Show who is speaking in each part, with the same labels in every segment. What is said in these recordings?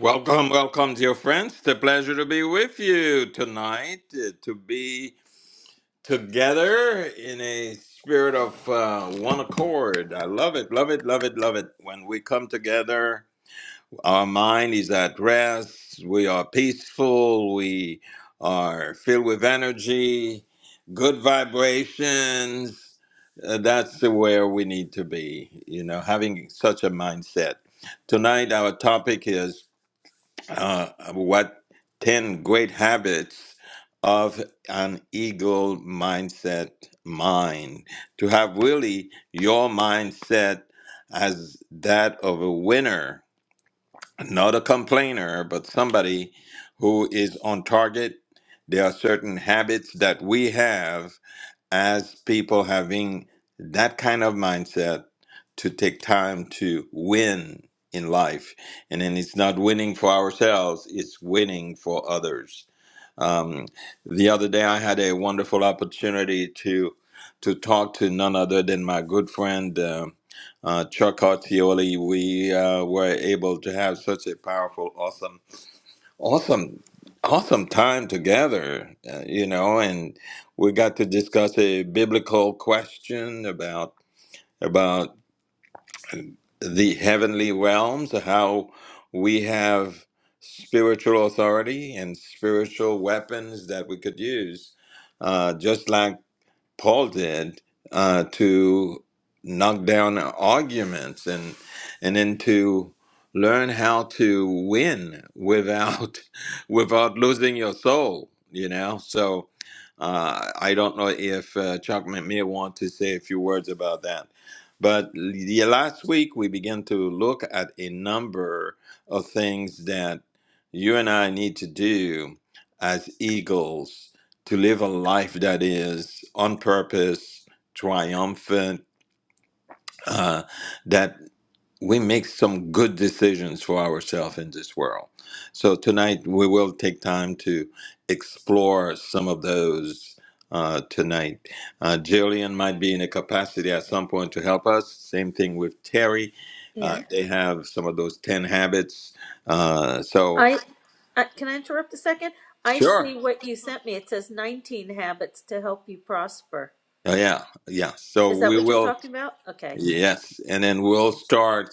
Speaker 1: Welcome, welcome, dear friends. It's a pleasure to be with you tonight, uh, to be together in a spirit of uh, one accord. I love it, love it, love it, love it. When we come together, our mind is at rest, we are peaceful, we are filled with energy, good vibrations. Uh, that's where we need to be, you know, having such a mindset. Tonight, our topic is uh, what 10 great habits of an eagle mindset mind to have really your mindset as that of a winner not a complainer but somebody who is on target there are certain habits that we have as people having that kind of mindset to take time to win in life. And then it's not winning for ourselves, it's winning for others. Um, the other day, I had a wonderful opportunity to to talk to none other than my good friend uh, uh, Chuck Artioli. We uh, were able to have such a powerful, awesome Awesome, awesome time together, uh, you know, and we got to discuss a biblical question about about the heavenly realms, how we have spiritual authority and spiritual weapons that we could use, uh, just like Paul did uh, to knock down arguments and and then to learn how to win without without losing your soul. You know, so uh, I don't know if uh, Chuck McMeer wants to say a few words about that. But yeah, last week we began to look at a number of things that you and I need to do as eagles to live a life that is on purpose, triumphant, uh, that we make some good decisions for ourselves in this world. So tonight we will take time to explore some of those. Uh, tonight, uh, Jillian might be in a capacity at some point to help us. Same thing with Terry; uh,
Speaker 2: Yeah.
Speaker 1: they have some of those ten habits. Uh, so,
Speaker 2: I, I can I interrupt a second? I
Speaker 1: sure,
Speaker 2: see what you sent me. It says 19 habits to help you prosper.
Speaker 1: Uh, yeah, yeah. So
Speaker 2: Is that
Speaker 1: we
Speaker 2: what you're
Speaker 1: will,
Speaker 2: talking about? Okay.
Speaker 1: yes, and then we'll start,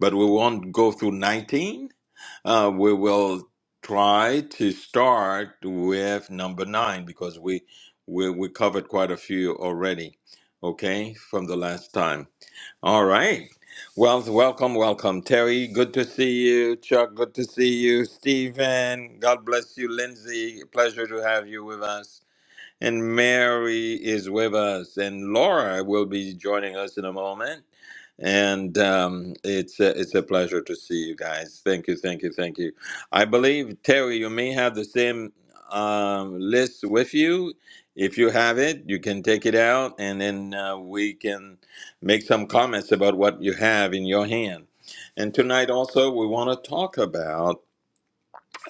Speaker 1: but we won't go through 19. Uh, we will try to start with number nine because we, we we covered quite a few already. Okay, from the last time. All right. Well, welcome, welcome, Terry. Good to see you, Chuck. Good to see you, Stephen. God bless you, Lindsay. Pleasure to have you with us. And Mary is with us, and Laura will be joining us in a moment. And um, it's a, it's a pleasure to see you guys. Thank you, thank you, thank you. I believe Terry, you may have the same um, list with you. If you have it, you can take it out, and then uh, we can make some comments about what you have in your hand. And tonight also, we want to talk about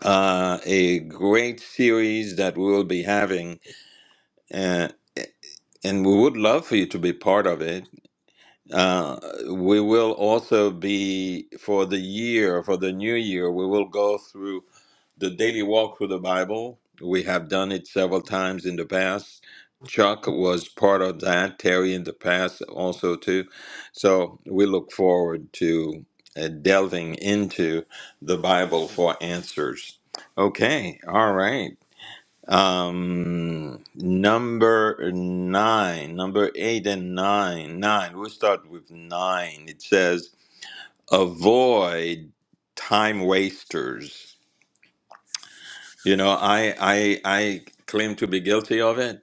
Speaker 1: uh, a great series that we will be having. Uh, and we would love for you to be part of it. Uh, we will also be for the year, for the new year, we will go through the daily walk through the Bible. We have done it several times in the past. Chuck was part of that, Terry in the past also too. So we look forward to uh, delving into the Bible for answers. Okay, all right. Um, number nine, number eight and nine, nine. We'll start with nine. It says avoid time wasters. You know, I I I claim to be guilty of it.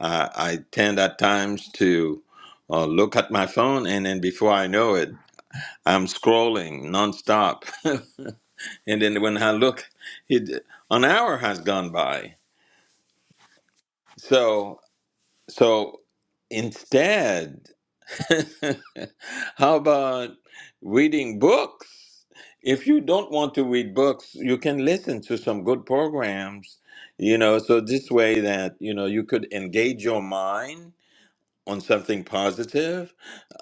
Speaker 1: Uh, I tend at times to uh, look at my phone, and then before I know it, I'm scrolling nonstop. and then when I look, it an hour has gone by. So so instead. How about reading books? If you don't want to read books, you can listen to some good programs, you know, so this way that, you know, you could engage your mind on something positive.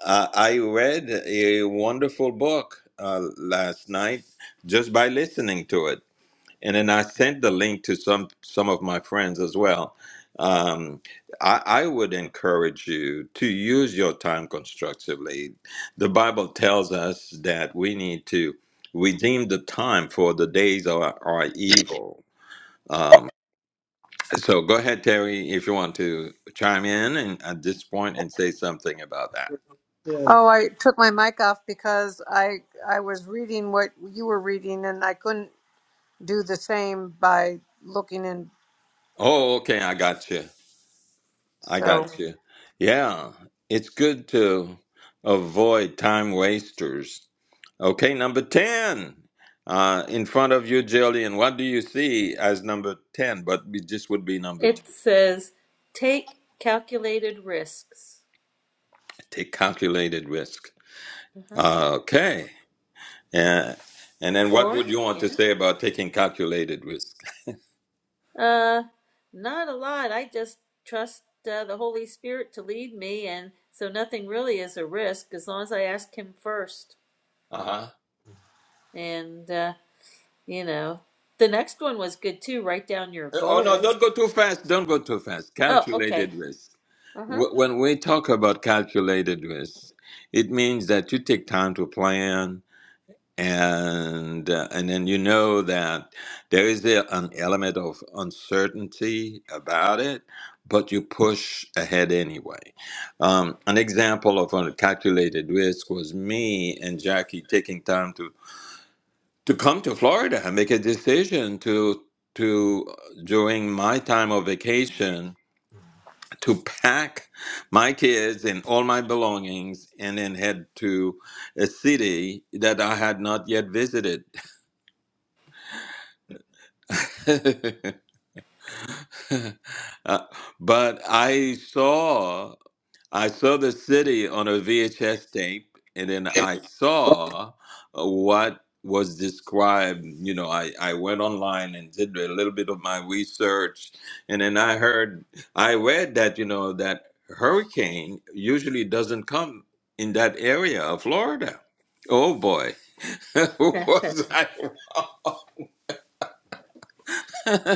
Speaker 1: Uh, I read a wonderful book uh, last night just by listening to it and then I sent the link to some some of my friends as well. Um, I, I would encourage you to use your time constructively. The Bible tells us that we need to redeem the time for the days are, are evil. Um, so go ahead, Terry, if you want to chime in and at this point and say something about that.
Speaker 3: Yeah. Oh, I took my mic off because I I was reading what you were reading and I couldn't do the same by looking in.
Speaker 1: Oh, okay, I got you. I
Speaker 3: So
Speaker 1: got you. Yeah, it's good to avoid time wasters Okay, number 10. Uh, in front of you, Jillian, what do you see as number 10? But it just would be number 10.
Speaker 2: It says take calculated risks.
Speaker 1: Take calculated risk.
Speaker 2: Uh-huh.
Speaker 1: Okay. Yeah. And then what
Speaker 2: Or,
Speaker 1: would you want to
Speaker 2: yeah.
Speaker 1: say about taking calculated risk?
Speaker 2: Uh not a lot. I just trust uh, the Holy Spirit to lead me and so nothing really is a risk as long as I ask him first.
Speaker 1: Uh-huh. Uh,
Speaker 2: And uh, you know, the next one was good too. Write down your
Speaker 1: Oh, no,
Speaker 2: goals.
Speaker 1: don't go too fast. Don't go too fast.
Speaker 2: Oh, okay.
Speaker 1: Calculated risk.
Speaker 2: Uh huh.
Speaker 1: Wh- When we talk about calculated risk, it means that you take time to plan, and uh, and then you know that there is the, an element of uncertainty about it, but you push ahead anyway. Um, an example of a calculated risk was me and Jackie taking time to to come to Florida and make a decision to to uh, during my time of vacation to pack my kids and all my belongings and then head to a city that I had not yet visited Uh, but I saw I saw the city on a VHS tape, and then I saw uh, what was described. You know, I, I went online and did a little bit of my research, and then I heard I read that you know that hurricane usually doesn't come in that area of Florida. Oh boy, was I?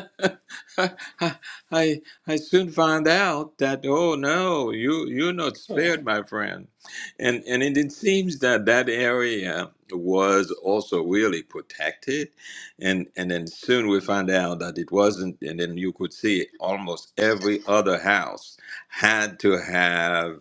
Speaker 1: I I soon found out that oh no, you you're not spared, my friend, and and it, it seems that that area was also really protected, and and then soon we found out that it wasn't, and then you could see almost every other house had to have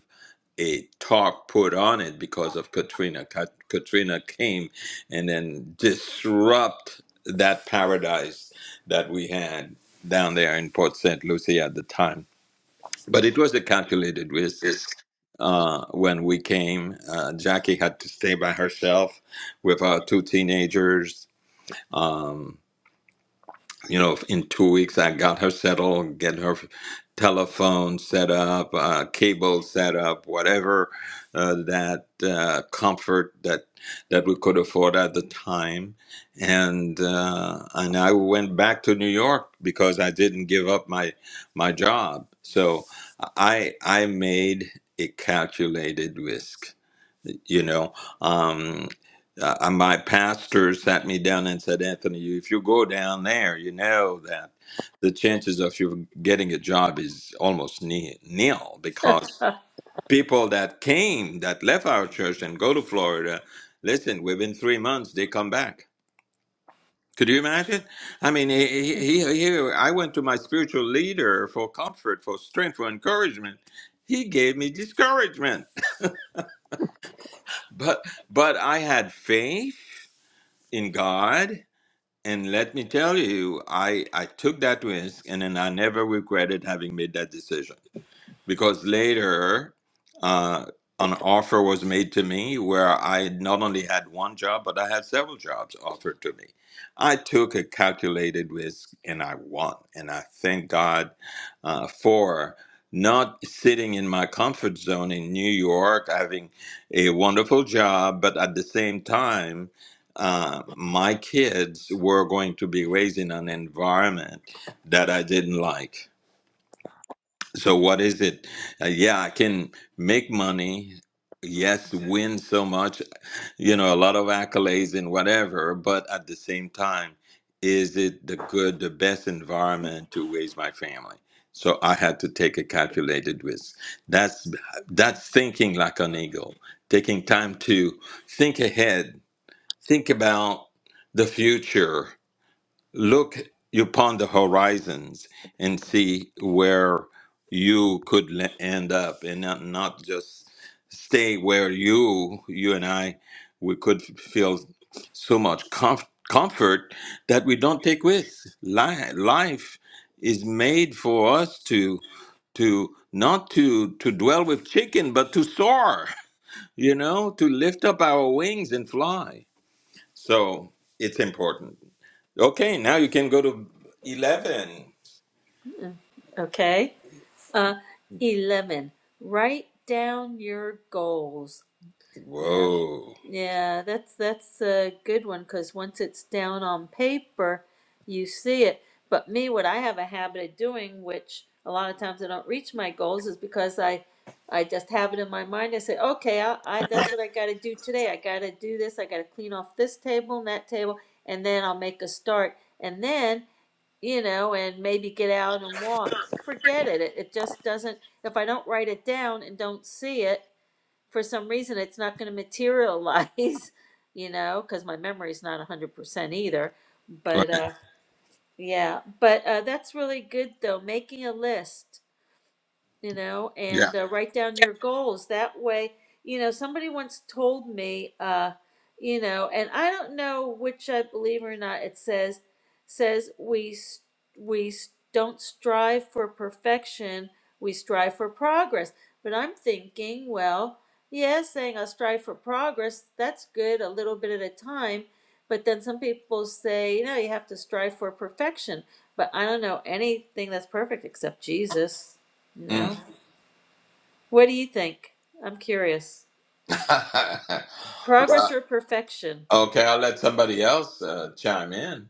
Speaker 1: a talk put on it because of Katrina. Kat- Katrina came and then disrupt that paradise that we had down there in Port St. Lucie at the time. But it was a calculated risk. Uh, when we came, uh, Jackie had to stay by herself with our two teenagers. Um, you know, in two weeks, I got her settled, get her telephone set up, uh, cable set up, whatever uh, that uh, comfort that that we could afford at the time, and uh, and I went back to New York because I didn't give up my my job. So I I made a calculated risk you know um uh, uh, my pastor sat me down and said anthony you- if you go down there you know that the chances of you getting a job is almost ni- nil because people that came that left our church and go to florida listen within three months they come back could you imagine i mean he, he, he, he- i went to my spiritual leader for comfort for strength for encouragement he gave me discouragement but but i had faith in God. And let me tell you, I, I took that risk and then I never regretted having made that decision because later uh, an offer was made to me where I not only had one job, but I had several jobs offered to me. I took a calculated risk and I won. And I thank God uh, for not sitting in my comfort zone in New York, having a wonderful job, but at the same time, uh, my kids were going to be raised in an environment that I didn't like so what is it? Uh, yeah, I can make money. Yes, win so much, you know, a lot of accolades and whatever, but at the same time, is it the good, the best environment to raise my family? So I had to take a calculated risk. That's that's thinking like an eagle, taking time to think ahead, think about the future look upon the horizons and see where you could le- end up and not, not just stay where you you and i we could f- feel so much comf- comfort that we don't take risks Li- life is made for us to to not to to dwell with chicken but to soar you know to lift up our wings and fly so it's important. Okay, now you can go to 11.
Speaker 2: okay. Uh, 11. Write down your goals. You know,
Speaker 1: Whoa.
Speaker 2: yeah, that's that's a good one because once it's down on paper, you see it. But me, what I have a habit of doing, which a lot of times I don't reach my goals, is because I, I just have it in my mind. I say, okay, I, I that's what I got to do today. I got to do this. I got to clean off this table and that table, and then I'll make a start. And then you know, and maybe get out and walk. Forget it. It, it just doesn't, if I don't write it down and don't see it, for some reason, it's not going to materialize, you know, because my memory's not 100% either.
Speaker 1: Right.
Speaker 2: But uh, yeah, but uh, that's really good though, making a list you know,
Speaker 1: Yeah.
Speaker 2: and uh, write down your goals. That way, you know, somebody once told me, uh, you know, and I don't know which I believe or not. It says says we s- we s- don't strive for perfection, we strive for progress. But I'm thinking, well, yeah, saying I strive for progress, that's good a little bit at a time. But then some people say, you know, you have to strive for perfection. But I don't know anything that's perfect except Jesus, you
Speaker 1: Mm.
Speaker 2: know? What do you think? I'm curious. Progress
Speaker 1: well,
Speaker 2: or perfection?
Speaker 1: okay, I'll let somebody else uh, chime in.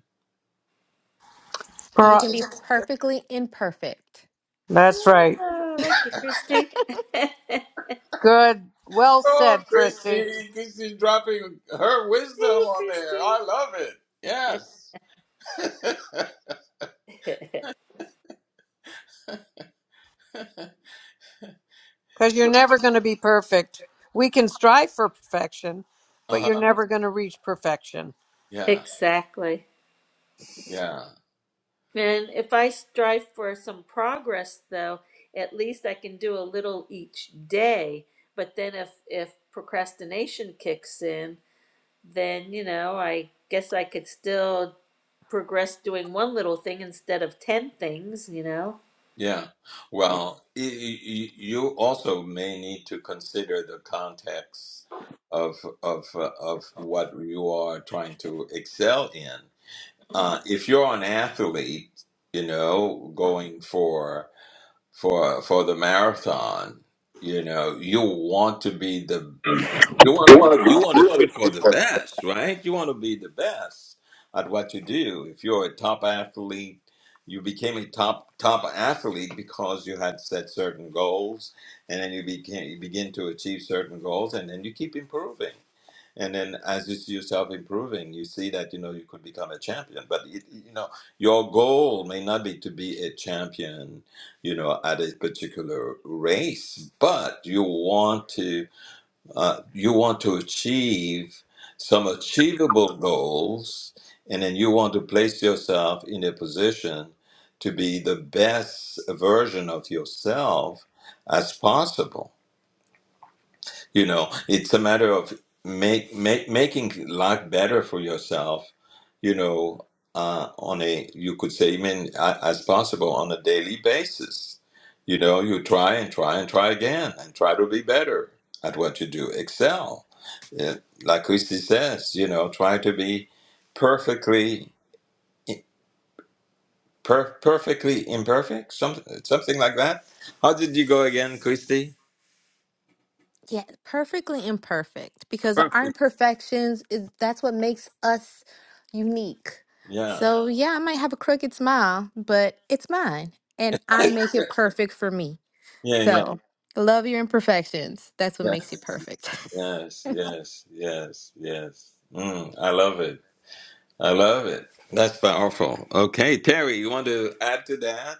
Speaker 4: You
Speaker 3: Pro-
Speaker 4: can be perfectly imperfect.
Speaker 3: that's right.
Speaker 2: Oh, I like you, Christy. hey,
Speaker 3: Good. Well
Speaker 1: Oh,
Speaker 3: said, Christy.
Speaker 1: Christy, Christy's dropping her wisdom on there.
Speaker 2: Christy.
Speaker 1: I love it. Yes.
Speaker 3: Because you're never going to be perfect. We can strive for perfection, but you're
Speaker 1: Uh-huh.
Speaker 3: never going to reach perfection.
Speaker 1: Yeah.
Speaker 2: exactly.
Speaker 1: Yeah.
Speaker 2: And if I strive for some progress, though, at least I can do a little each day. But then if, if procrastination kicks in, then, you know, I guess I could still progress doing one little thing instead of 10 things, you know?
Speaker 1: Yeah. Well, y- y- you also may need to consider the context of of uh, of what you are trying to excel in. Uh, if you're an athlete, you know, going for for for the marathon, you know, you want to be the you
Speaker 3: You
Speaker 1: want to be,
Speaker 3: want
Speaker 1: you
Speaker 3: to
Speaker 1: want to
Speaker 3: you want
Speaker 1: shoot for the
Speaker 3: to
Speaker 1: best, right? You want to be the best at what you do. If you're a top athlete, you became a top top athlete because you had set certain goals, and then you became you begin to achieve certain goals, and then you keep improving. And then as you see yourself improving, you see that you know you could become a champion. But it, you know your goal may not be to be a champion, you know, at a particular race, but you want to uh, you want to achieve some achievable goals, and then you want to place yourself in a position to be the best version of yourself as possible. You know, it's a matter of make, make making life better for yourself. You know, uh, on a you could say even a- as possible on a daily basis. You know, you try and try and try again and try to be better at what you do. Excel, Uh, like Christy says. You know, try to be perfectly per- perfectly imperfect. Something something like that. How did you go again, Christy?
Speaker 4: Yeah, perfectly imperfect because our
Speaker 1: Perfect.
Speaker 4: imperfections is that's what makes us unique.
Speaker 1: Yeah.
Speaker 4: So, yeah, I might have a crooked smile, but it's mine and I make it perfect for me.
Speaker 1: Yeah. Yeah.
Speaker 4: So, love your imperfections. That's what makes you perfect.
Speaker 1: Yes, yes, yes, yes. Mm, I love it. I love it. That's powerful. Okay, Terry, you want to add to that?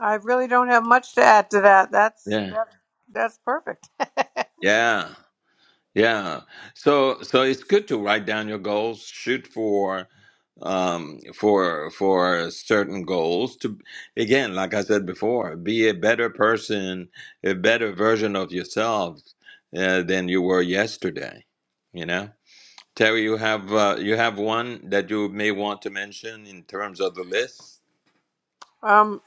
Speaker 3: I really don't have much to add to that. That's
Speaker 1: Yeah.
Speaker 3: that's that's perfect.
Speaker 1: Yeah. Yeah. So so it's good to write down your goals, shoot for um for for certain goals to again, like I said before, be a better person, a better version of yourself uh, than you were yesterday, you know? Terry, you have uh, you have one that you may want to mention in terms of the list?
Speaker 3: Um.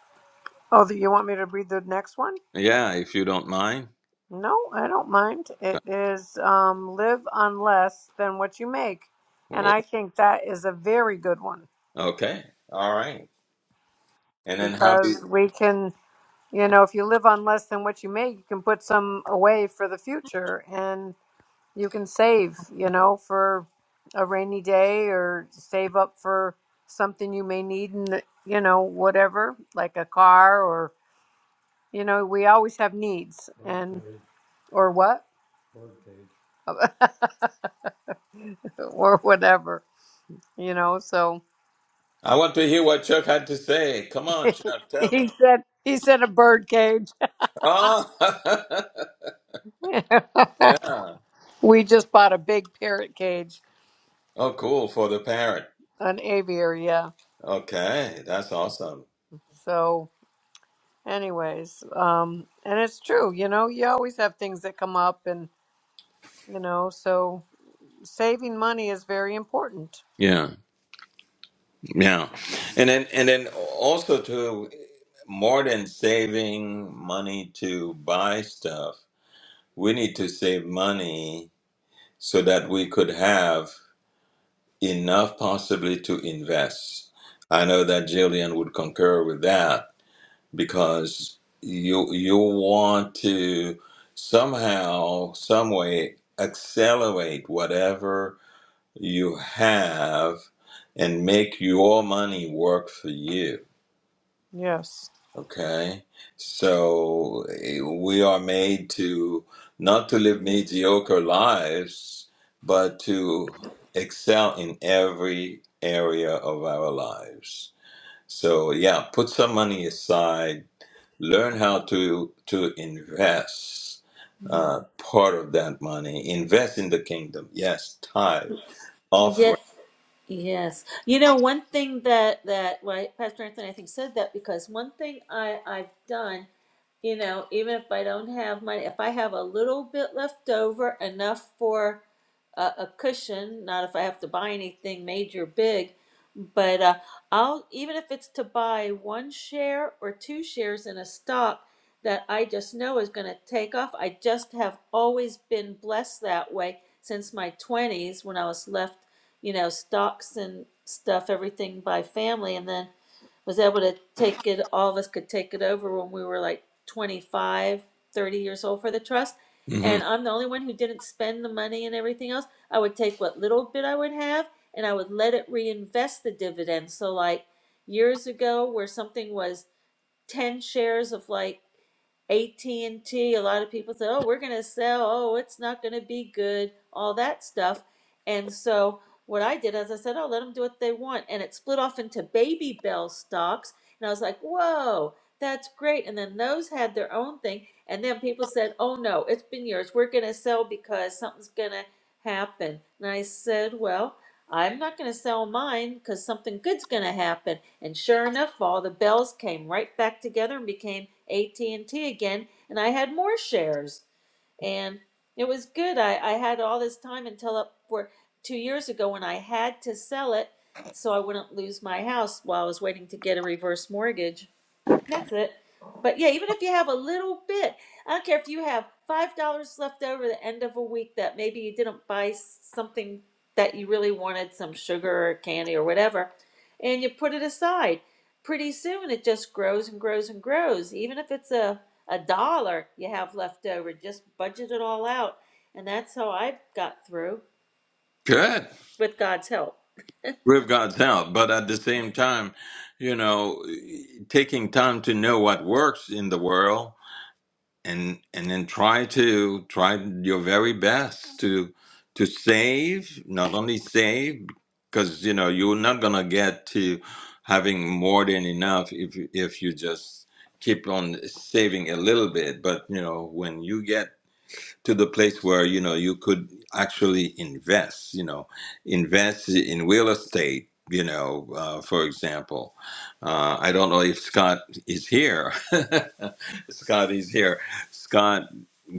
Speaker 3: Oh, you want me to read the next one?
Speaker 1: Yeah, if you don't mind.
Speaker 3: No, I don't mind.
Speaker 1: Uh,
Speaker 3: It is um, live on less than what you make. And
Speaker 1: well,
Speaker 3: I think that is a very good one
Speaker 1: Okay. All right. And then how do you,
Speaker 3: because we can, you know, if you live on less than what you make, you can put some away for the future and you can save, you know, for a rainy day or save up for something you may need and, you know, whatever, like a car or, you know, we always have needs and, or what? or whatever, you know, so.
Speaker 1: I want to hear what Chuck had to say. Come on, Chuck, tell me.
Speaker 3: he said he said a bird cage.
Speaker 1: Oh, yeah.
Speaker 3: we just bought a big parrot cage,
Speaker 1: Oh, cool. For the parrot.
Speaker 3: an aviary, yeah.
Speaker 1: Okay, that's awesome.
Speaker 3: So anyways, um and it's true, you know, you always have things that come up and you know, so saving money is very important.
Speaker 1: Yeah, yeah. And then and then also to more than saving money to buy stuff, we need to save money so that we could have enough possibly to invest. I know that Jillian would concur with that because you you want to somehow, some way accelerate whatever you have and make your money work for you
Speaker 3: Yes.
Speaker 1: Okay, so eh, we are made to not to live mediocre lives, but to excel in every area of our lives. So yeah, put some money aside, learn how to to invest uh, part of that money, invest in the kingdom. Yes, tithe,
Speaker 2: Yeah.
Speaker 1: offering.
Speaker 2: Yes. You know, one thing that that why Pastor Anthony I think said that because one thing I I've done you know, even if I don't have money, if I have a little bit left over, enough for a, a cushion, not if I have to buy anything major big, but uh, I'll, even if it's to buy one share or two shares in a stock that I just know is going to take off, I just have always been blessed that way since my 20s when I was left, you know, stocks and stuff, everything by family. And then was able to take it all of us could take it over when we were like 25, 30 years old for the trust
Speaker 1: Mhm.
Speaker 2: and i'm the only one who didn't spend the money and everything else i would take what little bit i would have and i would let it reinvest the dividends so like years ago where something was 10 shares of like at and T. A lot of people said, "Oh, we're going to sell. Oh, it's not going to be good." All that stuff. And so what I did is I said, "Oh, let them do what they want." And it split off into Baby Bell stocks, and I was like, "Whoa, that's great." And then those had their own thing, and then people said, "Oh no, it's been yours. We're going to sell because something's going to happen." And I said, "Well, I'm not going to sell mine because something good's going to happen. And sure enough, all the bells came right back together and became AT&T again. And I had more shares. And it was good. I, I had all this time until up for two years ago when I had to sell it so I wouldn't lose my house while I was waiting to get a reverse mortgage that's it. But yeah, even if you have a little bit, I don't care if you have five dollars left over the end of a week that maybe you didn't buy something that you really wanted, some sugar or candy or whatever, and you put it aside. Pretty soon it just grows and grows and grows. Even if it's a, a dollar you have left over, just budget it all out. And that's how I got through
Speaker 1: Good.
Speaker 2: with God's help.
Speaker 1: Live God's help. But at the same time, you know, taking time to know what works in the world and and then try to try your very best to to save, not only save, because you know you're not gonna get to having more than enough if you- if you just keep on saving a little bit. But you know, when you get to the place where you know you could actually invest you know invest in real estate you know uh, for example uh, i don't know if scott is here scott is here scott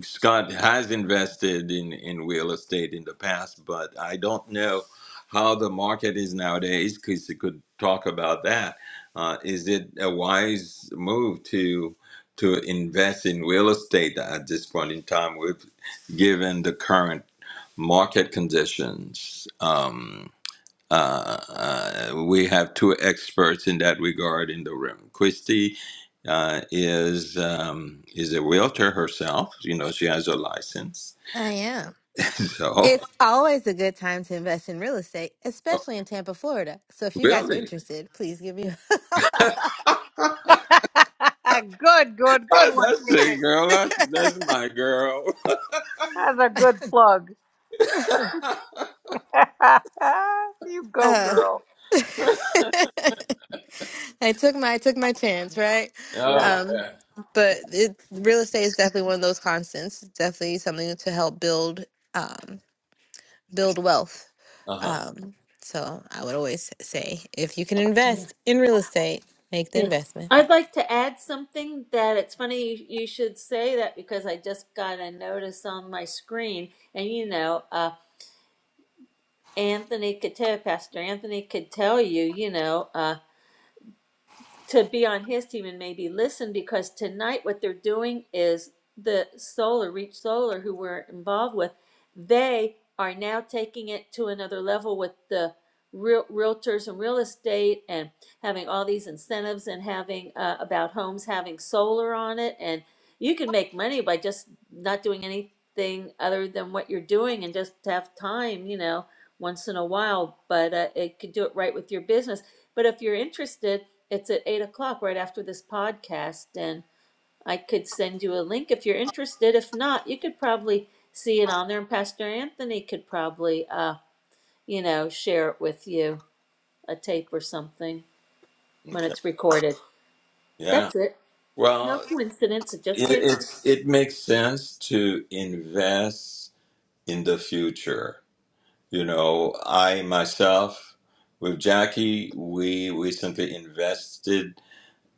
Speaker 1: scott has invested in in real estate in the past but i don't know how the market is nowadays because you could talk about that uh, is it a wise move to to invest in real estate at this point in time. We're given the current market conditions. Um, uh, uh, we have two experts in that regard in the room. Christy uh, is um, is a realtor herself. You know, she has a license.
Speaker 4: I am.
Speaker 1: So,
Speaker 4: It's always a good time to invest in real estate, especially in Tampa, Florida. So if you guys are
Speaker 1: really,
Speaker 4: interested, please give me.
Speaker 3: good, good, good one,
Speaker 1: that's it,
Speaker 3: Kizzy.
Speaker 1: girl. That's that's my girl.
Speaker 3: That's a good plug. you go,
Speaker 4: uh,
Speaker 3: girl.
Speaker 4: I took my I took my chance, right?
Speaker 1: Oh
Speaker 3: Yeah.
Speaker 4: Um,
Speaker 1: yeah.
Speaker 4: but it, real estate is definitely one of those constants. It's definitely something to help build um, build wealth.
Speaker 1: Uh-huh.
Speaker 4: Um, so I would always say, if you can invest in real estate, make the
Speaker 2: Yes.
Speaker 4: investment.
Speaker 2: I'd like to add something that it's funny you, you should say that because I just got a notice on my screen. And, you know, uh, Anthony could tell, Pastor Anthony could tell you, you know, uh, to be on his team and maybe listen because tonight what they're doing is the solar reach solar who we're involved with they are now taking it to another level with the real realtors and real estate and having all these incentives and having uh, about homes having solar on it and you can make money by just not doing anything other than what you're doing and just have time you know once in a while but uh, it could do it right with your business but if you're interested it's at eight o'clock right after this podcast, and I could send you a link if you're interested. If not, you could probably see it on there, and Pastor Anthony could probably, uh, you know, share it with you, a tape or something when
Speaker 1: Okay.
Speaker 2: it's recorded.
Speaker 1: Yeah.
Speaker 2: That's it. No
Speaker 1: Well,
Speaker 2: coincidence. It just
Speaker 1: it,
Speaker 2: came up.
Speaker 1: it's it makes sense to invest in the future. You know, I myself with Jackie, we recently invested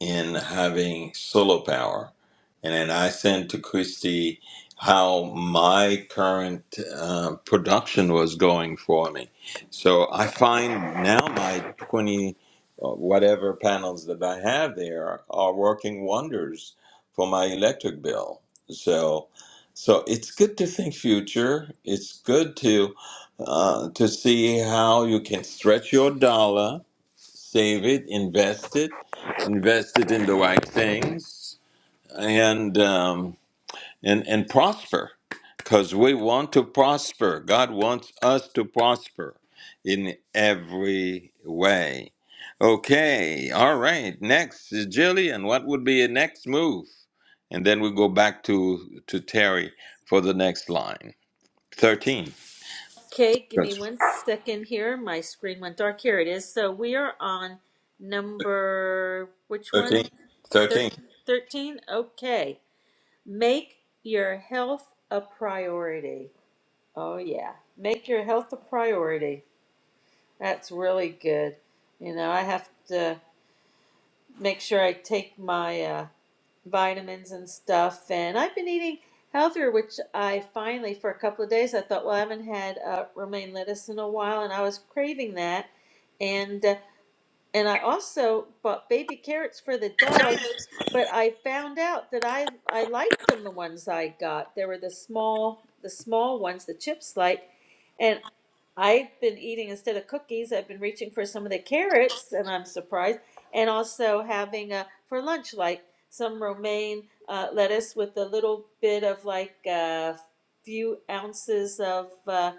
Speaker 1: in having solar power. And then I sent to Christy how my current uh, production was going for me. So I find now my 20 uh, whatever panels that I have there are working wonders for my electric bill. So so it's good to think future. It's good to uh, to see how you can stretch your dollar, save it, invest it, invested in the right things and um, and and prosper because we want to prosper god wants us to prosper in every way okay all right next is jillian what would be your next move and then we go back to to terry for the next line 13
Speaker 2: Okay, give me
Speaker 1: That's
Speaker 2: one second here. My screen went dark. Here it is. So we are on number, which
Speaker 1: 13
Speaker 2: one? Thir-
Speaker 1: 13
Speaker 2: 13? Okay. Make your health a priority. Oh, yeah. Make your health a priority. That's really good. You know, I have to make sure I take my uh, vitamins and stuff. And I've been eating healthier, which I finally, for a couple of days, I thought, well, I haven't had uh, romaine lettuce in a while, and I was craving that. And uh, and I also bought baby carrots for the dogs, but I found out that I I liked them. The ones I got, they were the small the small ones, the chips like. And I've been eating instead of cookies, I've been reaching for some of the carrots, and I'm surprised. And also having uh, for lunch, like some romaine uh, lettuce with a little bit of like a few ounces of uh,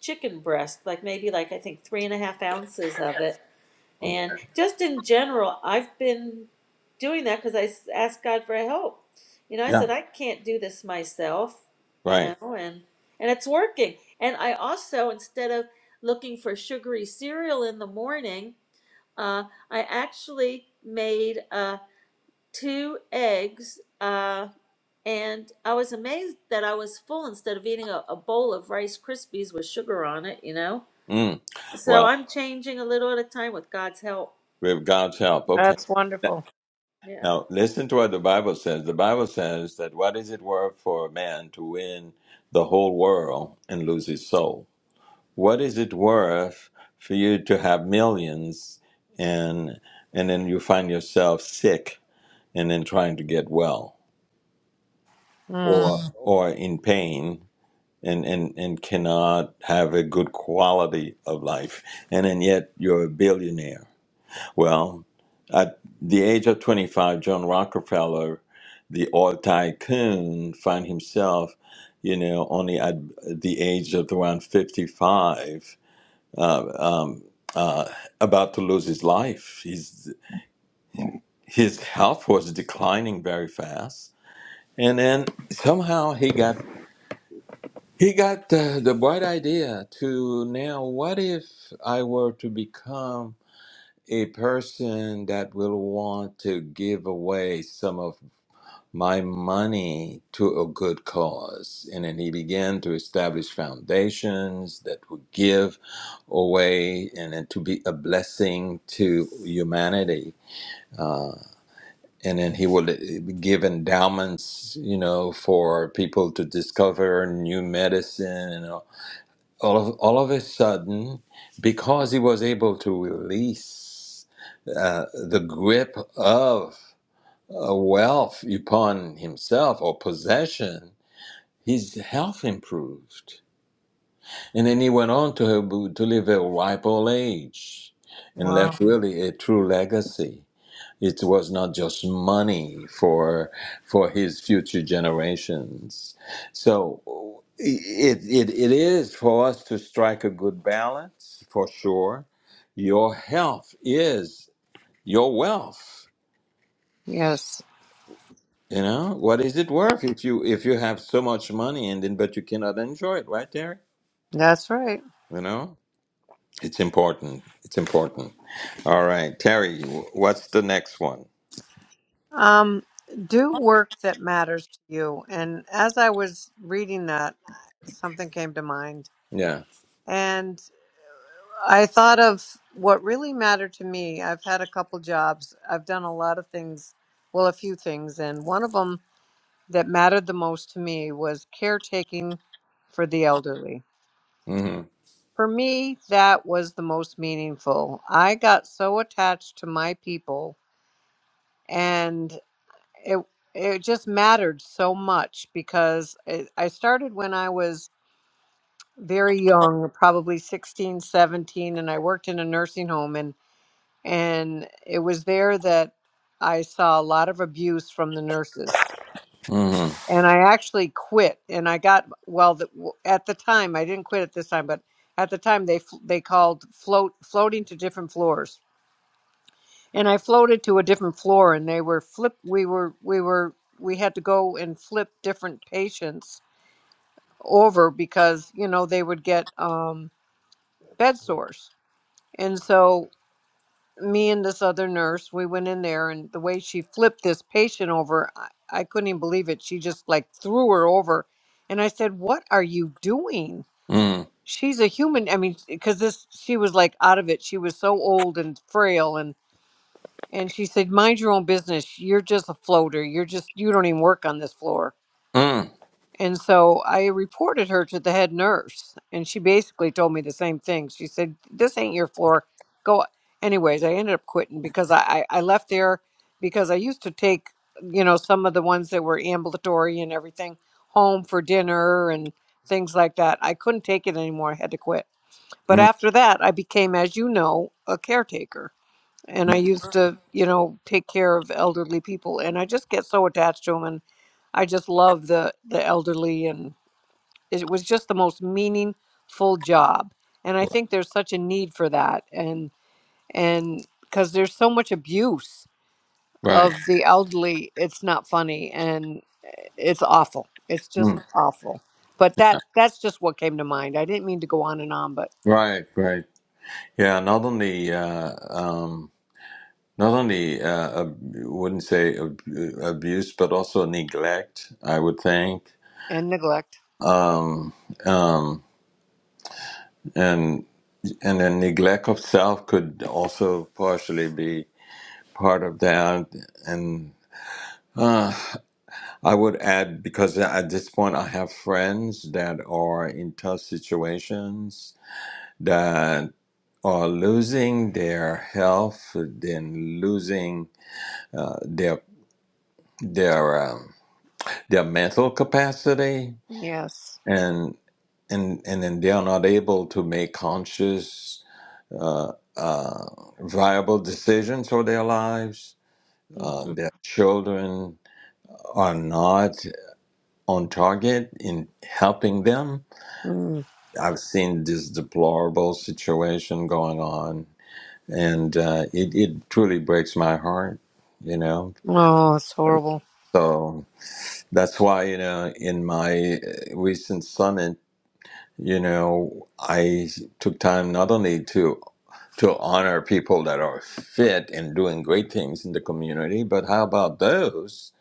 Speaker 2: chicken breast, like maybe like I think three and a half ounces of it
Speaker 1: Okay.
Speaker 2: and just in general, I've been doing that because I asked God for help. You know, I
Speaker 1: yeah
Speaker 2: said I can't do this myself. You
Speaker 1: right
Speaker 2: know, and and it's working. And I also, instead of looking for sugary cereal in the morning, uh, I actually made uh, two eggs, uh, and I was amazed that I was full instead of eating a, a bowl of Rice Krispies with sugar on it. You know,
Speaker 1: mm.
Speaker 2: so
Speaker 1: well
Speaker 2: I'm changing a little at a time with God's help.
Speaker 1: with god's help okay
Speaker 3: That's wonderful.
Speaker 2: Yeah.
Speaker 1: Now, listen to what the Bible says. The Bible says that what is it worth for a man to win the whole world and lose his soul? What is it worth for you to have millions and and then you find yourself sick and then trying to get well or
Speaker 3: Mm,
Speaker 1: Mm. or in pain and, and, and cannot have a good quality of life and then yet you're a billionaire well, at the age of 25, John Rockefeller, the oil tycoon, found himself, you know, only at the age of around 55, uh, um, uh, about to lose his life. His, his health was declining very fast. And then somehow he got he got the, the bright idea to now what if I were to become a person that will want to give away some of my money to a good cause. And then he began to establish foundations that would give away and then to be a blessing to humanity. And then he would uh, give endowments, you know, for people to discover new medicine. and. all all of, all of a sudden, because he was able to release uh, the grip of uh, wealth upon himself or possession, his health improved. And then he went on to, to live a ripe old age and left
Speaker 3: wow.
Speaker 1: really a true legacy it was not just money for for his future generations so it, it it is for us to strike a good balance for sure your health is your wealth
Speaker 3: Yes.
Speaker 1: you know what is it worth if you if you have so much money and then but you cannot enjoy it right terry
Speaker 3: That's right.
Speaker 1: you know it's important it's important all right terry wh- what's the next one
Speaker 3: Um, do work that matters to you. And as I was reading that, something came to mind.
Speaker 1: yeah
Speaker 3: And I thought of what really mattered to me. I've had a couple jobs, I've done a lot of things, well, a few things. And one of them that mattered the most to me was caretaking for the elderly.
Speaker 1: mm-hmm.
Speaker 3: For me, that was the most meaningful. I got so attached to my people. and. it it just mattered so much because it, I started when I was very young, probably 16, 17, and I worked in a nursing home and and it was there that I saw a lot of abuse from the nurses.
Speaker 1: Mm-hmm.
Speaker 3: And I actually quit and I got well the, w- at the time I didn't quit at this time, but at the time they fl- they called float floating to different floors and I floated to a different floor and they were flip we were we were we had to go and flip different patients over because you know they would get um bed sores and so me and this other nurse we went in there and the way she flipped this patient over I, I couldn't even believe it she just like threw her over and I said what are you doing she's a human I mean because this she was like out of it she was so old and frail and And she said, Mind your own business. You're just a floater. You're just, you don't even work on this floor.
Speaker 1: Mm-hmm.
Speaker 3: And so I reported her to the head nurse, and she basically told me the same thing. She said, This ain't your floor. Go. Anyways, I ended up quitting because I, I, I left there because I used to take, you know, some of the ones that were ambulatory and everything home for dinner and things like that. I couldn't take it anymore. I had to quit. But
Speaker 1: Mm-hmm.
Speaker 3: after that, I became, as you know, a caretaker and I used to, you know, take care of elderly people, and I just get so attached to them, and I just love the the elderly, and it was just the most meaningful job, and I think there's such a need for that, and and because there's so much abuse
Speaker 1: Right.
Speaker 3: of the elderly, it's not funny, and eh, it's awful. It's just
Speaker 1: Mm.
Speaker 3: awful. But that that's just what came to mind. I didn't mean to go on and on, but
Speaker 1: Right. Right. Yeah. Not only uh, um, not only uh, ab- wouldn't say ab- abuse, but also neglect. I would think,
Speaker 3: and neglect.
Speaker 1: um, um, and and then neglect of self could also partially be part of that. And uh, I would add because at this point I have friends that are in tough situations. are losing their health, then losing uh, their their um, their mental capacity,
Speaker 3: Yes.
Speaker 1: and and and then they are not able to make conscious, uh, uh, viable decisions for their lives. Uh,
Speaker 3: Mhm.
Speaker 1: their children are not on target in helping them.
Speaker 3: Mm.
Speaker 1: I've seen this deplorable situation going on, and uh, it, it truly breaks my heart. You know,
Speaker 3: Oh, it's horrible.
Speaker 1: So that's why, you know, in my uh, recent summit, you know, I took time not only to to honor people that are fit and doing great things in the community, but how about those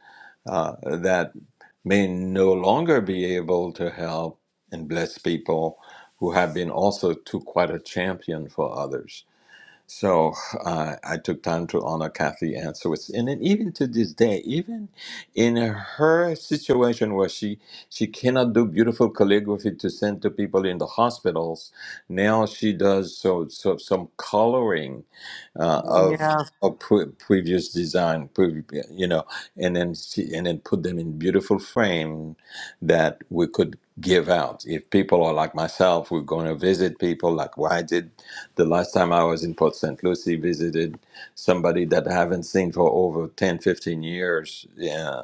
Speaker 1: uh, that may no longer be able to help and bless people who have been also too quite a champion for others. So uh, I took time to honor Kathy Ann Swiss, and then even to this day, even in her situation where she she cannot do beautiful calligraphy to send to people in the hospitals, now she does so, so some coloring uh, of
Speaker 3: Yeah.
Speaker 1: of pre- previous design, pre- you know, and then she, and then put them in beautiful frame that we could give out. If people are like myself, we're going to visit people. Like, why did the last time I was in Port St. Lucie, visited somebody that I haven't seen for over 10, 15 years yeah,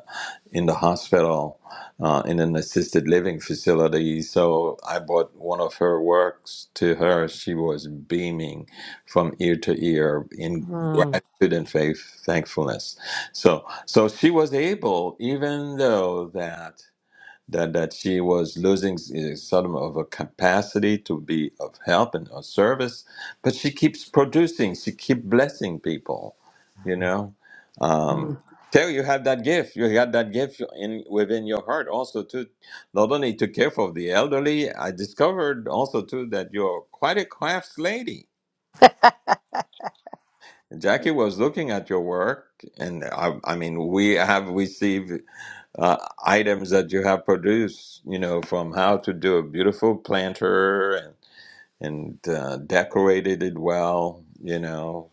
Speaker 1: in the hospital uh, in an assisted living facility. So I bought one of her works to her. She was beaming from ear to ear in
Speaker 3: Mm,
Speaker 1: gratitude and faith, thankfulness. So, so she was able, even though that that, that she was losing s- sort of a capacity to be of help and of service, but she keeps producing, she keeps blessing people, you know. Um,
Speaker 3: mm,
Speaker 1: Terry, you have that gift. You got that gift in within your heart also to not only to care for the elderly. I discovered also too that you're quite a crafts lady. Jackie was looking at your work, and I, I mean, we have received uh, items that you have produced, you know, from how to do a beautiful planter and and uh, decorated it well, you know,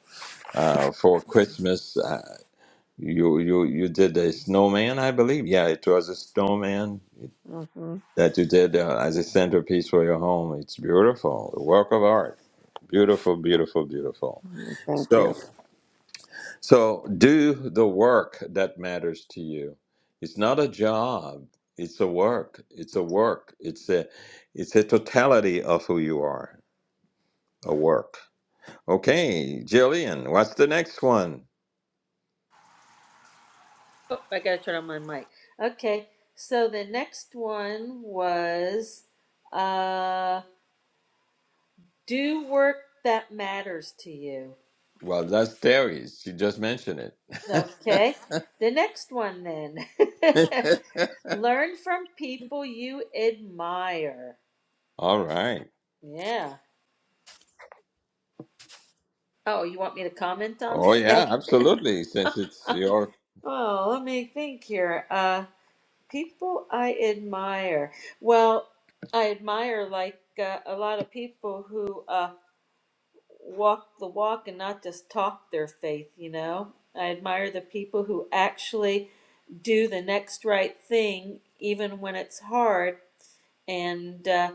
Speaker 1: uh, for Christmas. Uh, you you you did a snowman, I believe. Yeah, it was a snowman
Speaker 3: mhm,
Speaker 1: that you did uh, as a centerpiece for your home. It's beautiful, a work of art. Beautiful, beautiful, beautiful.
Speaker 3: mm, Thank you.
Speaker 1: So. So do the work that matters to you. It's not a job. It's a work. It's a work. It's a it's a totality of who you are. A work. Okay, Jillian, what's the next one?
Speaker 2: Oh, I gotta turn on my mic. Okay, so the next one was uh, do work that matters to you.
Speaker 1: Well, that's Terry's. She just mentioned
Speaker 2: Okay,
Speaker 1: it.
Speaker 2: the next one then. Learn from people you admire.
Speaker 1: All right.
Speaker 2: Yeah. Oh, you want me to comment on
Speaker 1: Oh yeah,
Speaker 2: that?
Speaker 1: absolutely. Since it's your
Speaker 2: oh, let me think here. Uh, people I admire. Well, I admire like uh, a lot of people who. uh, walk the walk and not just talk their faith, you know. I admire the people who actually do the next right thing, even when it's hard, and uh,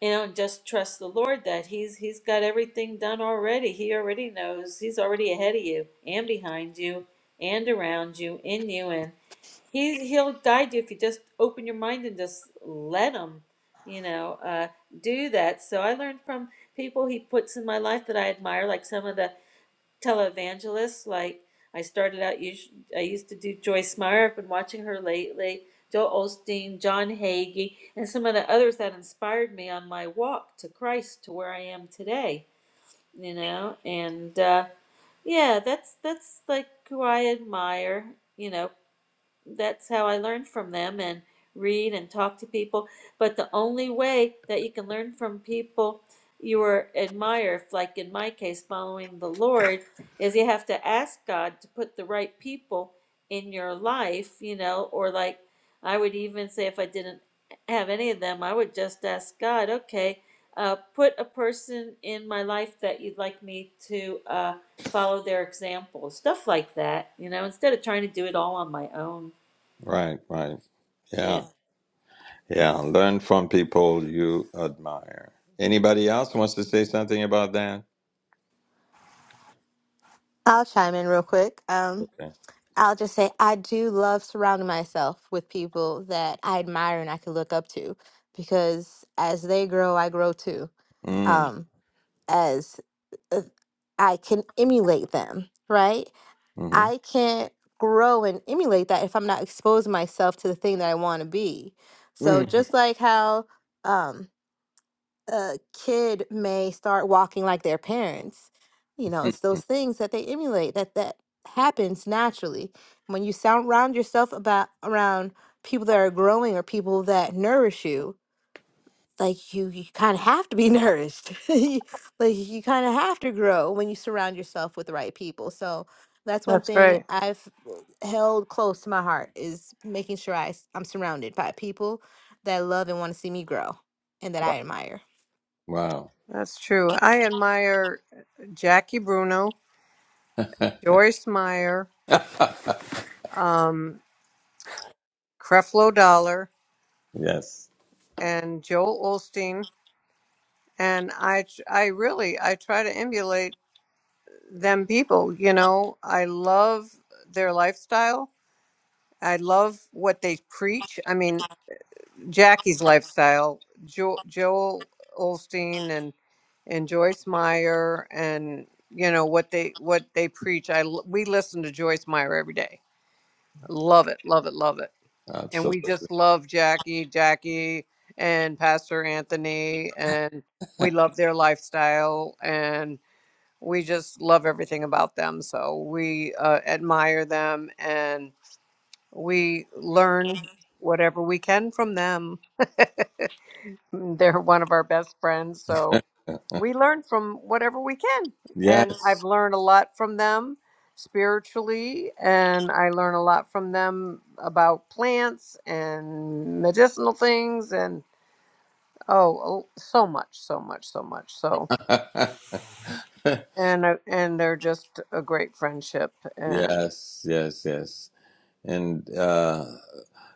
Speaker 2: you know, just trust the Lord that He's He's got everything done already. He already knows. He's already ahead of you and behind you and around you, in you, and He He'll guide you if you just open your mind and just let Him, you know, uh, do that. So I learned from people He puts in my life that I admire, like some of the televangelists. Like I started out, I used to do Joyce Meyer. I've been watching her lately. Joel Osteen, John Hagee, and some of the others that inspired me on my walk to Christ to where I am today. You know, and uh, yeah, that's that's like who I admire. You know, that's how I learned from them and read and talk to people. But the only way that you can learn from people you are admire, like in my case, following the Lord, is you have to ask God to put the right people in your life, you know, or like I would even say if I didn't have any of them, I would just ask God, okay, uh, put a person in my life that you'd like me to uh, follow their example, stuff like that, you know, instead of trying to do it all on my own.
Speaker 1: right, right.
Speaker 2: Yeah.
Speaker 1: Yeah. Yeah. Learn from people you admire. Anybody else wants to say something about that?
Speaker 4: I'll chime in real quick. Um,
Speaker 1: Okay.
Speaker 4: I'll just say I do love surrounding myself with people that I admire and I can look up to because as they grow, I grow too.
Speaker 1: Mm,
Speaker 4: Um, as uh, I can emulate them, right?
Speaker 1: mhm.
Speaker 4: I can't grow and emulate that if I'm not exposing myself to the thing that I want to be. So
Speaker 1: Mm.
Speaker 4: just like how um, a kid may start walking like their parents, you know, it's those things that they emulate that that happens naturally. When you surround yourself about around people that are growing or people that nourish you, like you, you kind of have to be nourished. You- like you kind of have to grow when you surround yourself with the right people. So that's one
Speaker 3: That's
Speaker 4: thing
Speaker 3: great.
Speaker 4: I've held close to my heart is making sure I, s- I'm surrounded by people that love and want to see me grow and that
Speaker 1: Wow.
Speaker 4: I admire.
Speaker 3: That's true. I admire Jackie Bruno, Joyce Meyer, um, Creflo Dollar,
Speaker 1: yes.
Speaker 3: and Joel Olstein, and I I really I try to emulate them people. You know, I love their lifestyle. I love what they preach. I mean, Jackie's lifestyle, jo- Joel Olstein and and Joyce Meyer, and you know what they what they preach. I l- we listen to Joyce Meyer every day. Love it, love it, love it. And we
Speaker 1: Absolutely.
Speaker 3: just love Jackie, Jackie, and Pastor Anthony, and we love their lifestyle, and we just love everything about them. So we uh, admire them, and we learn whatever we can from them. They're one of our best friends. So we learn from whatever we can. And
Speaker 1: Yes.
Speaker 3: I've learned a lot from them spiritually, and I learn a lot from them about plants and medicinal things and oh, oh, so much, so much, so much. So and uh, and they're just a great friendship and
Speaker 1: yes. Yes. Yes. And uh,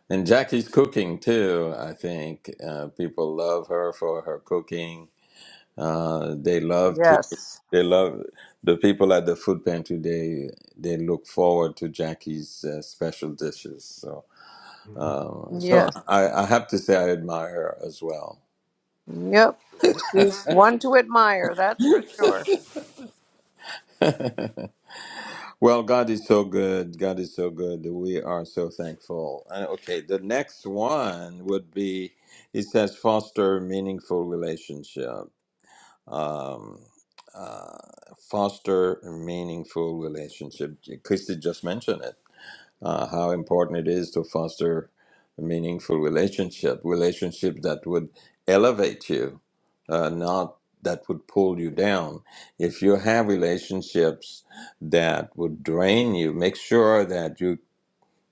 Speaker 1: and Jackie's cooking too. I think uh, people love her for her cooking. Uh, they love to.
Speaker 3: yes.
Speaker 1: They love the people at the food pantry. They they look forward to Jackie's uh, special dishes. So. Um, so
Speaker 3: Yes.
Speaker 1: I, I have to say I admire her as well.
Speaker 3: Yep. She's one to admire, that's for sure.
Speaker 1: well, God is so good. God is so good. We are so thankful. And okay, the next one would be it says foster meaningful relationship. Um, uh, foster meaningful relationship. Christy just mentioned it uh, how important it is to foster a meaningful relationship, relationship that would elevate you, uh, not that would pull you down. If you have relationships that would drain you, make sure that you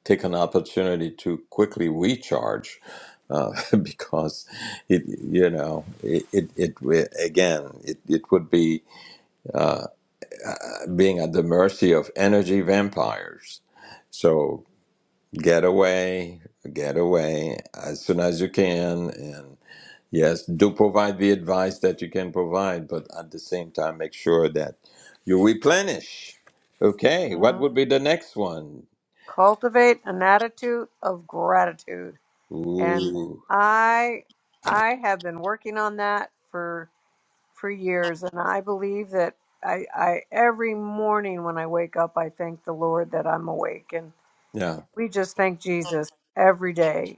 Speaker 1: take an opportunity to quickly recharge. Uh, because it, you know, it, it, it wi- again, it, it would be uh, being at the mercy of energy vampires. So Get away, get away as soon as you can. And yes, do provide the advice that you can provide, but at the same time, make sure that you replenish. Okay, what
Speaker 3: hmm
Speaker 1: would be the next one?
Speaker 3: Cultivate an attitude of gratitude. and
Speaker 1: Ooh,
Speaker 3: i i have been working on that for for years and i believe that i i every morning when i wake up i thank the lord that i'm awake and
Speaker 1: yeah,
Speaker 3: we just thank jesus every day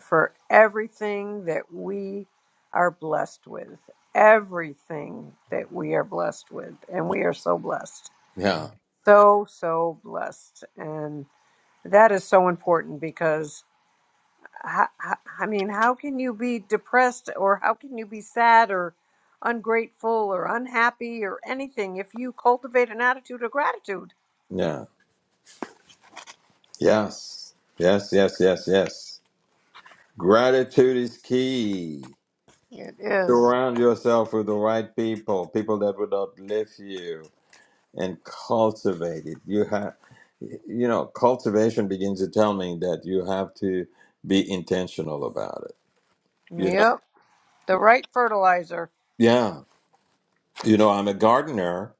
Speaker 3: for everything that we are blessed with everything that we are blessed with and we are so blessed
Speaker 1: yeah,
Speaker 3: so so blessed and that is so important because I, I I mean, how can you be depressed or how can you be sad or ungrateful or unhappy or anything if you cultivate an attitude of gratitude?
Speaker 1: yeah. Yes, yes, yes, yes, yes. Gratitude is key.
Speaker 3: It is.
Speaker 1: Surround yourself with the right people, people that would uplift you and cultivate it. You have, you know, cultivation begins to tell me that you have to be intentional about it. You know,
Speaker 3: Yep, the right fertilizer.
Speaker 1: yeah, you know, I'm a gardener,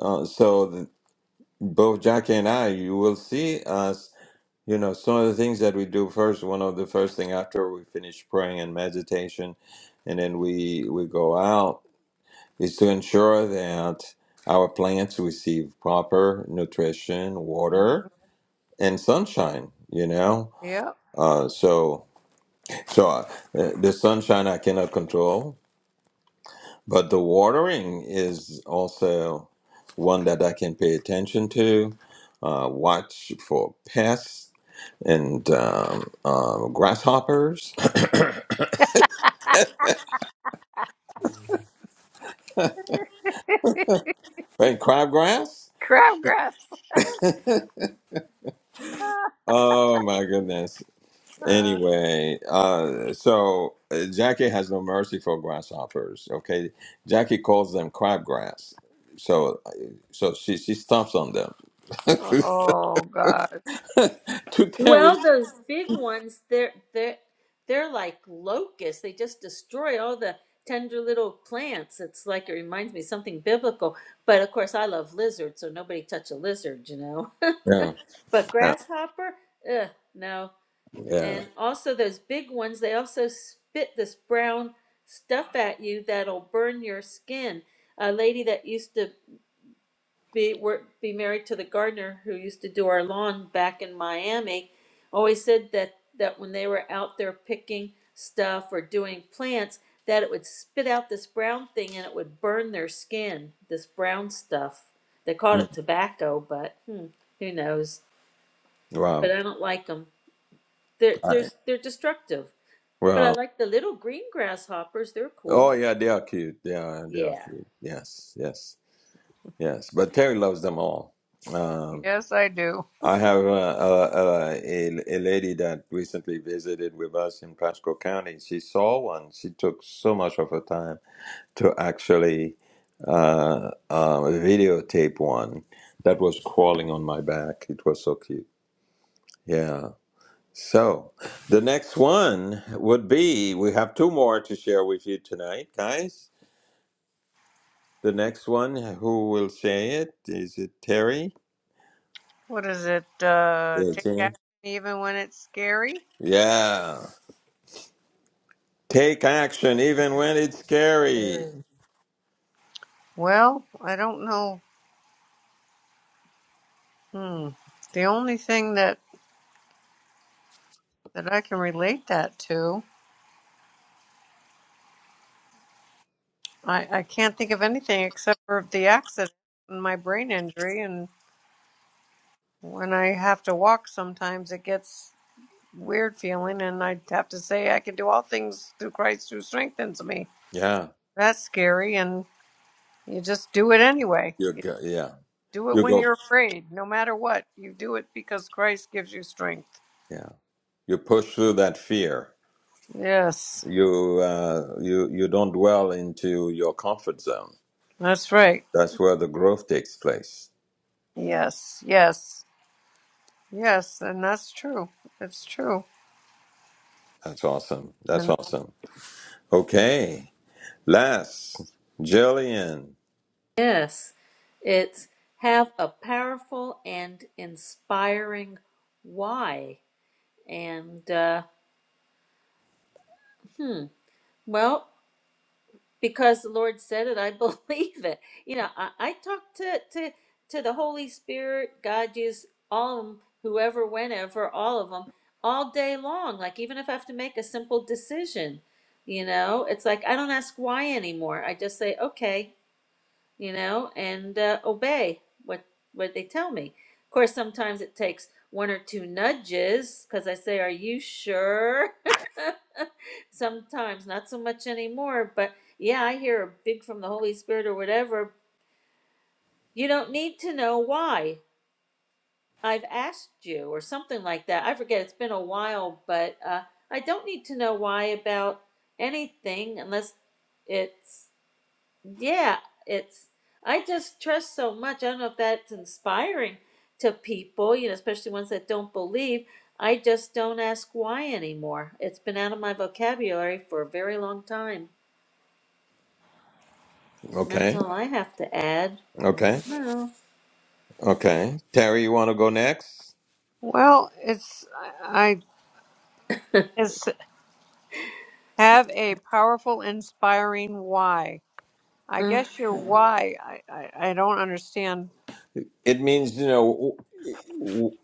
Speaker 1: uh, so the, both Jackie and I, you will see us. You know, some of the things that we do first. One of the first thing after we finish praying and meditation, and then we we go out is to ensure that our plants receive proper nutrition,
Speaker 3: Mhm.
Speaker 1: water, and sunshine you know
Speaker 3: Yep.
Speaker 1: uh, so so uh, the sunshine i cannot control but the watering is also one that i can pay attention to uh, watch for pests and um, um, grasshoppers and crabgrass
Speaker 3: Crabgrass.
Speaker 1: oh my goodness Anyway, uh, so uh, Jackie has no mercy for grasshoppers. Okay, Jackie calls them crabgrass. So, uh, so she she stomps on them.
Speaker 3: oh God.
Speaker 1: to Terry's.
Speaker 2: Well, those big ones, they're they're they're like locusts. They just destroy all the tender little plants. It's like it reminds me of something biblical. But of course, I love lizards, so nobody touch a lizard, you know.
Speaker 1: Yeah,
Speaker 2: But
Speaker 1: yeah,
Speaker 2: grasshopper, ugh, no.
Speaker 1: yeah.
Speaker 2: And also those big ones, they also spit this brown stuff at you that'll burn your skin. A lady that used to be were be married to the gardener who used to do our lawn back in Miami, always said that that when they were out there picking stuff or doing plants, that it would spit out this brown thing and it would burn their skin. This brown stuff. They called
Speaker 1: Mm,
Speaker 2: it tobacco, but hmm, who knows? But
Speaker 1: Wow.
Speaker 2: I don't like them. They're
Speaker 1: I,
Speaker 2: they're they're destructive. But I
Speaker 1: wow.
Speaker 2: like the little green grasshoppers. They're
Speaker 1: Oh
Speaker 2: cool.
Speaker 1: yeah, they are cute. They are. They are
Speaker 2: Yeah.
Speaker 1: cute. Yes, yes, yes. But Terry loves them all. Um,
Speaker 3: Yes, I do.
Speaker 1: I have a uh, uh, a, a lady that recently visited with us in Pasco County. She saw one. She took so much of her time to actually uh, uh, videotape one that was crawling on my back. It was so cute. Yeah. So the next one would be we have two more to share with you tonight, guys. The next one, who will say it? Is it Terry?
Speaker 3: What is it? Uh,
Speaker 1: Yeah,
Speaker 3: take
Speaker 1: Terry.
Speaker 3: action even when it's scary.
Speaker 1: Yeah. Take action even when it's scary.
Speaker 3: Scary. Well, I don't know. Hmm. The only thing that that I can relate that to. I, I can't think of anything except for the accident and my brain injury. And when I have to walk, sometimes it gets weird feeling, and I have to say, I can do all things through Christ who strengthens me.
Speaker 1: Yeah,
Speaker 3: That's scary, and you just do it anyway.
Speaker 1: you
Speaker 3: You
Speaker 1: go. Yeah,
Speaker 3: do it
Speaker 1: you
Speaker 3: when
Speaker 1: go.
Speaker 3: you're afraid, no matter what. You do it because Christ gives you strength.
Speaker 1: Yeah, you push through that fear.
Speaker 3: Yes,
Speaker 1: You uh, you you don't dwell into your comfort zone.
Speaker 3: that's right.
Speaker 1: That's where the growth takes place.
Speaker 3: Yes, yes, yes, and that's true. It's true.
Speaker 1: That's awesome.
Speaker 3: and.
Speaker 1: That's awesome. Okay, last Jillian.
Speaker 2: Yes, it's have a powerful and inspiring why. And uh, hmm, well, because the Lord said it, I believe it. You know, I, I talk to, to to the Holy Spirit, God, Jesus, all of them, whoever, whenever, all of them, all day long. Like even if I have to make a simple decision, you know, it's like I don't ask why anymore. I just say, okay, you know, and uh, obey what what they tell me. Of course, sometimes it takes one or two nudges because I say, "Are you sure?" Sometimes, not so much anymore. But yeah, I hear a big from the Holy Spirit or whatever. You don't need to know why I've asked you or something like that. I forget. It's been a while, but uh, I don't need to know why about anything unless it's yeah, it's I just trust so much. I don't know if that's inspiring to people, you know, especially ones that don't believe. I just don't ask why anymore. It's been out of my vocabulary for a very long time. And That's
Speaker 1: Okay,
Speaker 2: all I have to add.
Speaker 1: okay,
Speaker 2: I don't know.
Speaker 1: okay. Terry, you want to go next?
Speaker 3: Well, it's I it's have a powerful, inspiring why. I guess your
Speaker 2: Uh-huh.
Speaker 3: why. I I, I don't understand.
Speaker 1: It means you know w- w-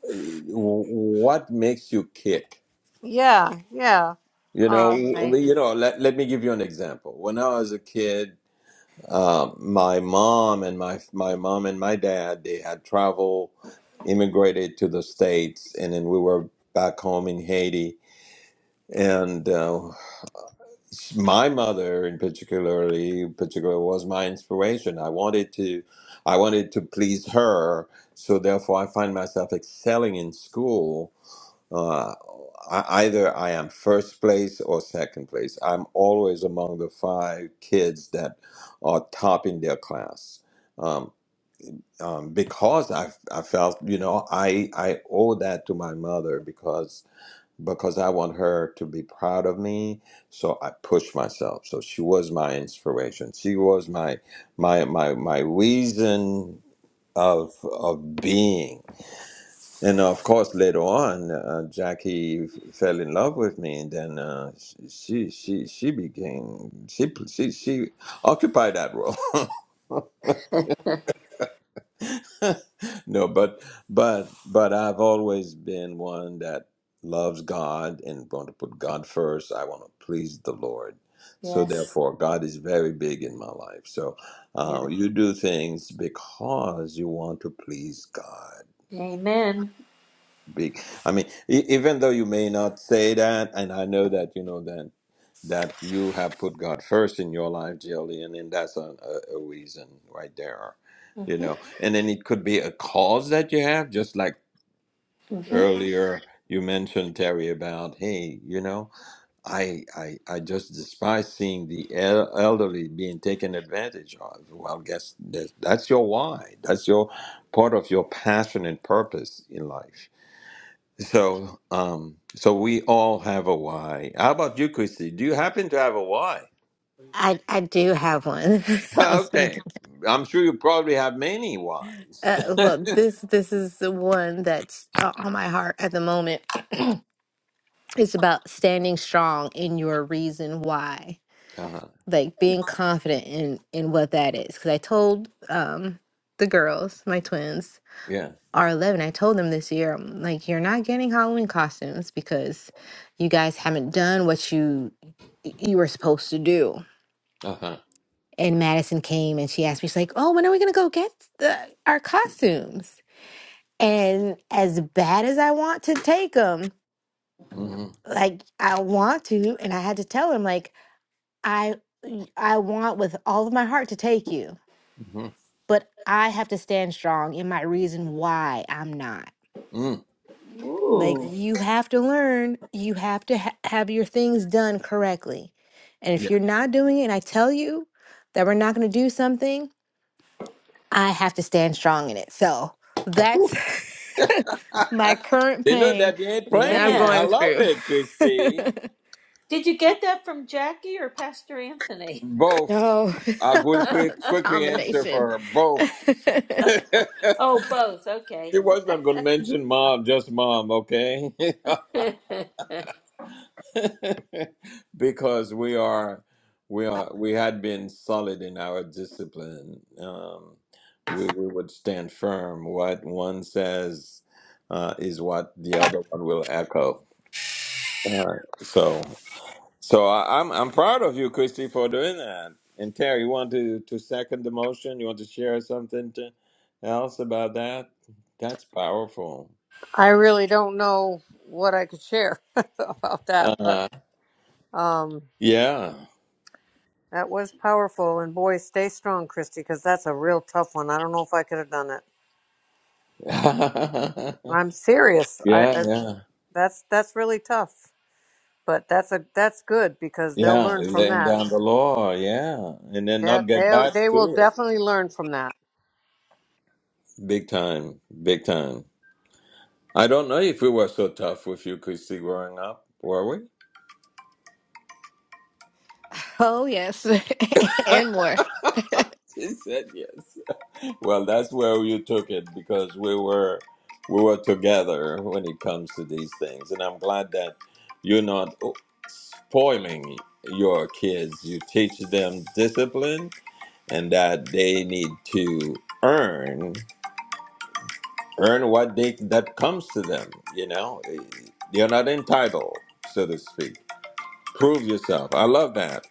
Speaker 1: w- what makes you kick
Speaker 3: Yeah, yeah.
Speaker 1: You know,
Speaker 3: Um,
Speaker 2: Why?
Speaker 1: you know. Let let me give you an example. When I was a kid, um, my mom and my my mom and my dad they had traveled, immigrated to the states, and then we were back home in Haiti. And uh, my mother, in particularly particular, was my inspiration. I wanted to, I wanted to please her. So therefore, I find myself excelling in school uh, I, either I am first place or second place. I'm always among the five kids that are topping their class. Um, um, because I, I felt, you know, I, I owe that to my mother because because I want her to be proud of me. So I pushed myself. So she was my inspiration. She was my my my my reason of of being and uh, of course, later on, uh, Jackie f- fell in love with me, and then uh, sh- she she she became she she she occupied that role. no, but but but I've always been one that loves God and want to put God first. I want to please the Lord, so
Speaker 2: Yes.
Speaker 1: therefore, God is very big in my life. So
Speaker 2: Yeah.
Speaker 1: uh, you do things because you want to please God.
Speaker 2: Amen.
Speaker 1: big. I mean, e- even though you may not say that, and I know that you know that that you have put God first in your life, Jillian, and that's a, a, a reason right there, you
Speaker 2: Uh-huh.
Speaker 1: know. And then it could be a cause that you have, just like
Speaker 2: Uh-huh.
Speaker 1: earlier you mentioned Terry about, hey, you know, I I I just despise seeing the el- elderly being taken advantage of. Well, guess that that's your why. That's your part of your passion and purpose in life so, um, so we all have a why. How about you, Christy? Do you happen to have a why?
Speaker 4: I I do have one. I was
Speaker 1: Okay,
Speaker 4: thinking.
Speaker 1: I'm sure you probably have many whys.
Speaker 4: Uh, well, this this is the one that's uh, on my heart at the moment. It's about standing strong in your reason why.
Speaker 1: uh-huh.
Speaker 4: like being confident in in what that is because i told um the girls my twins
Speaker 1: Yeah.
Speaker 4: are 11 i told them this year i'm like you're not getting halloween costumes because you guys haven't done what you you were supposed to do
Speaker 1: Uh-huh.
Speaker 4: and madison came and she asked me she's like oh when are we gonna go get the, our costumes and as bad as i want to take them
Speaker 1: hmm
Speaker 4: like i want to and i had to tell him like i i want with all of my heart to take you
Speaker 1: hmm
Speaker 4: but I have to stand strong in my reason why I'm not.
Speaker 1: Mm.
Speaker 4: Like
Speaker 2: Ooh.
Speaker 4: you have to learn, you have to ha- have your things done correctly. And
Speaker 1: Yeah.
Speaker 4: if you're not doing it and I tell you that we're not going to do something, I have to stand strong in it. So that's my current
Speaker 1: they know
Speaker 4: pain
Speaker 1: that you ain't
Speaker 4: that I'm
Speaker 1: playing. I
Speaker 2: Yeah.
Speaker 4: going
Speaker 1: love
Speaker 4: through.
Speaker 1: it, Christy.
Speaker 2: Did you get that from Jackie or Pastor Anthony?
Speaker 1: Both.
Speaker 4: no, it's
Speaker 1: I will pre-
Speaker 4: a
Speaker 1: quickly answer for
Speaker 4: combination.
Speaker 1: her. Both.
Speaker 2: Oh, both. Okay.
Speaker 1: She was not going to mention mom, just mom, okay? because we are we are we had been solid in our discipline um we, we would stand firm what one says uh is what the other one will echo uh, so so I, i'm i'm proud of you christy for doing that and terry you want to to second the motion you want to share something to, else about that that's powerful
Speaker 3: I really don't know what I could share about that, but
Speaker 1: uh
Speaker 3: um,
Speaker 1: yeah
Speaker 3: that was powerful. And boy, stay strong, Christy, because that's a real tough one. I don't know if I could have done it.
Speaker 1: yeah
Speaker 3: I'm serious. I, I
Speaker 1: yeah
Speaker 3: that's that's really tough, but that's a that's good because they'll
Speaker 1: Yeah,
Speaker 3: learn from
Speaker 1: laying
Speaker 3: that.
Speaker 1: down the law, yeah, and then
Speaker 3: Yeah,
Speaker 1: not get
Speaker 3: they
Speaker 1: back
Speaker 3: they will
Speaker 1: to it.
Speaker 3: definitely learn from that.
Speaker 1: Big time, big time. I don't know if we were so tough with you, Christy, growing up, were we?
Speaker 4: oh, yes, and more.
Speaker 1: She said yes. Well, that's where you took it because we were we were together when it comes to these things, and I'm glad that you're not oh, spoiling your kids. You teach them discipline and that they need to earn. earn what they that comes to them. You know, you're not entitled, so to speak. Prove yourself. I love that.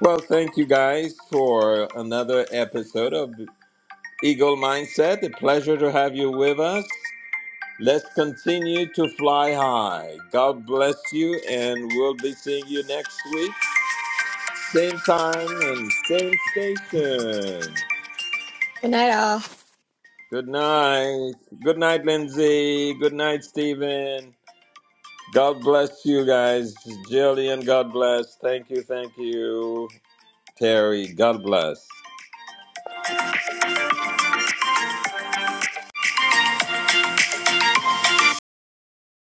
Speaker 1: Well, thank you guys for another episode of Eagle Mindset. A pleasure to have you with us. Let's continue to fly high. God bless you, and we'll be seeing you next week. Same time and same station.
Speaker 4: Good night, all.
Speaker 1: Good night. Good night, Lindsay. Good night, Stephen. God bless you guys. Jillian, God bless. Thank you, thank you. Terry, God bless.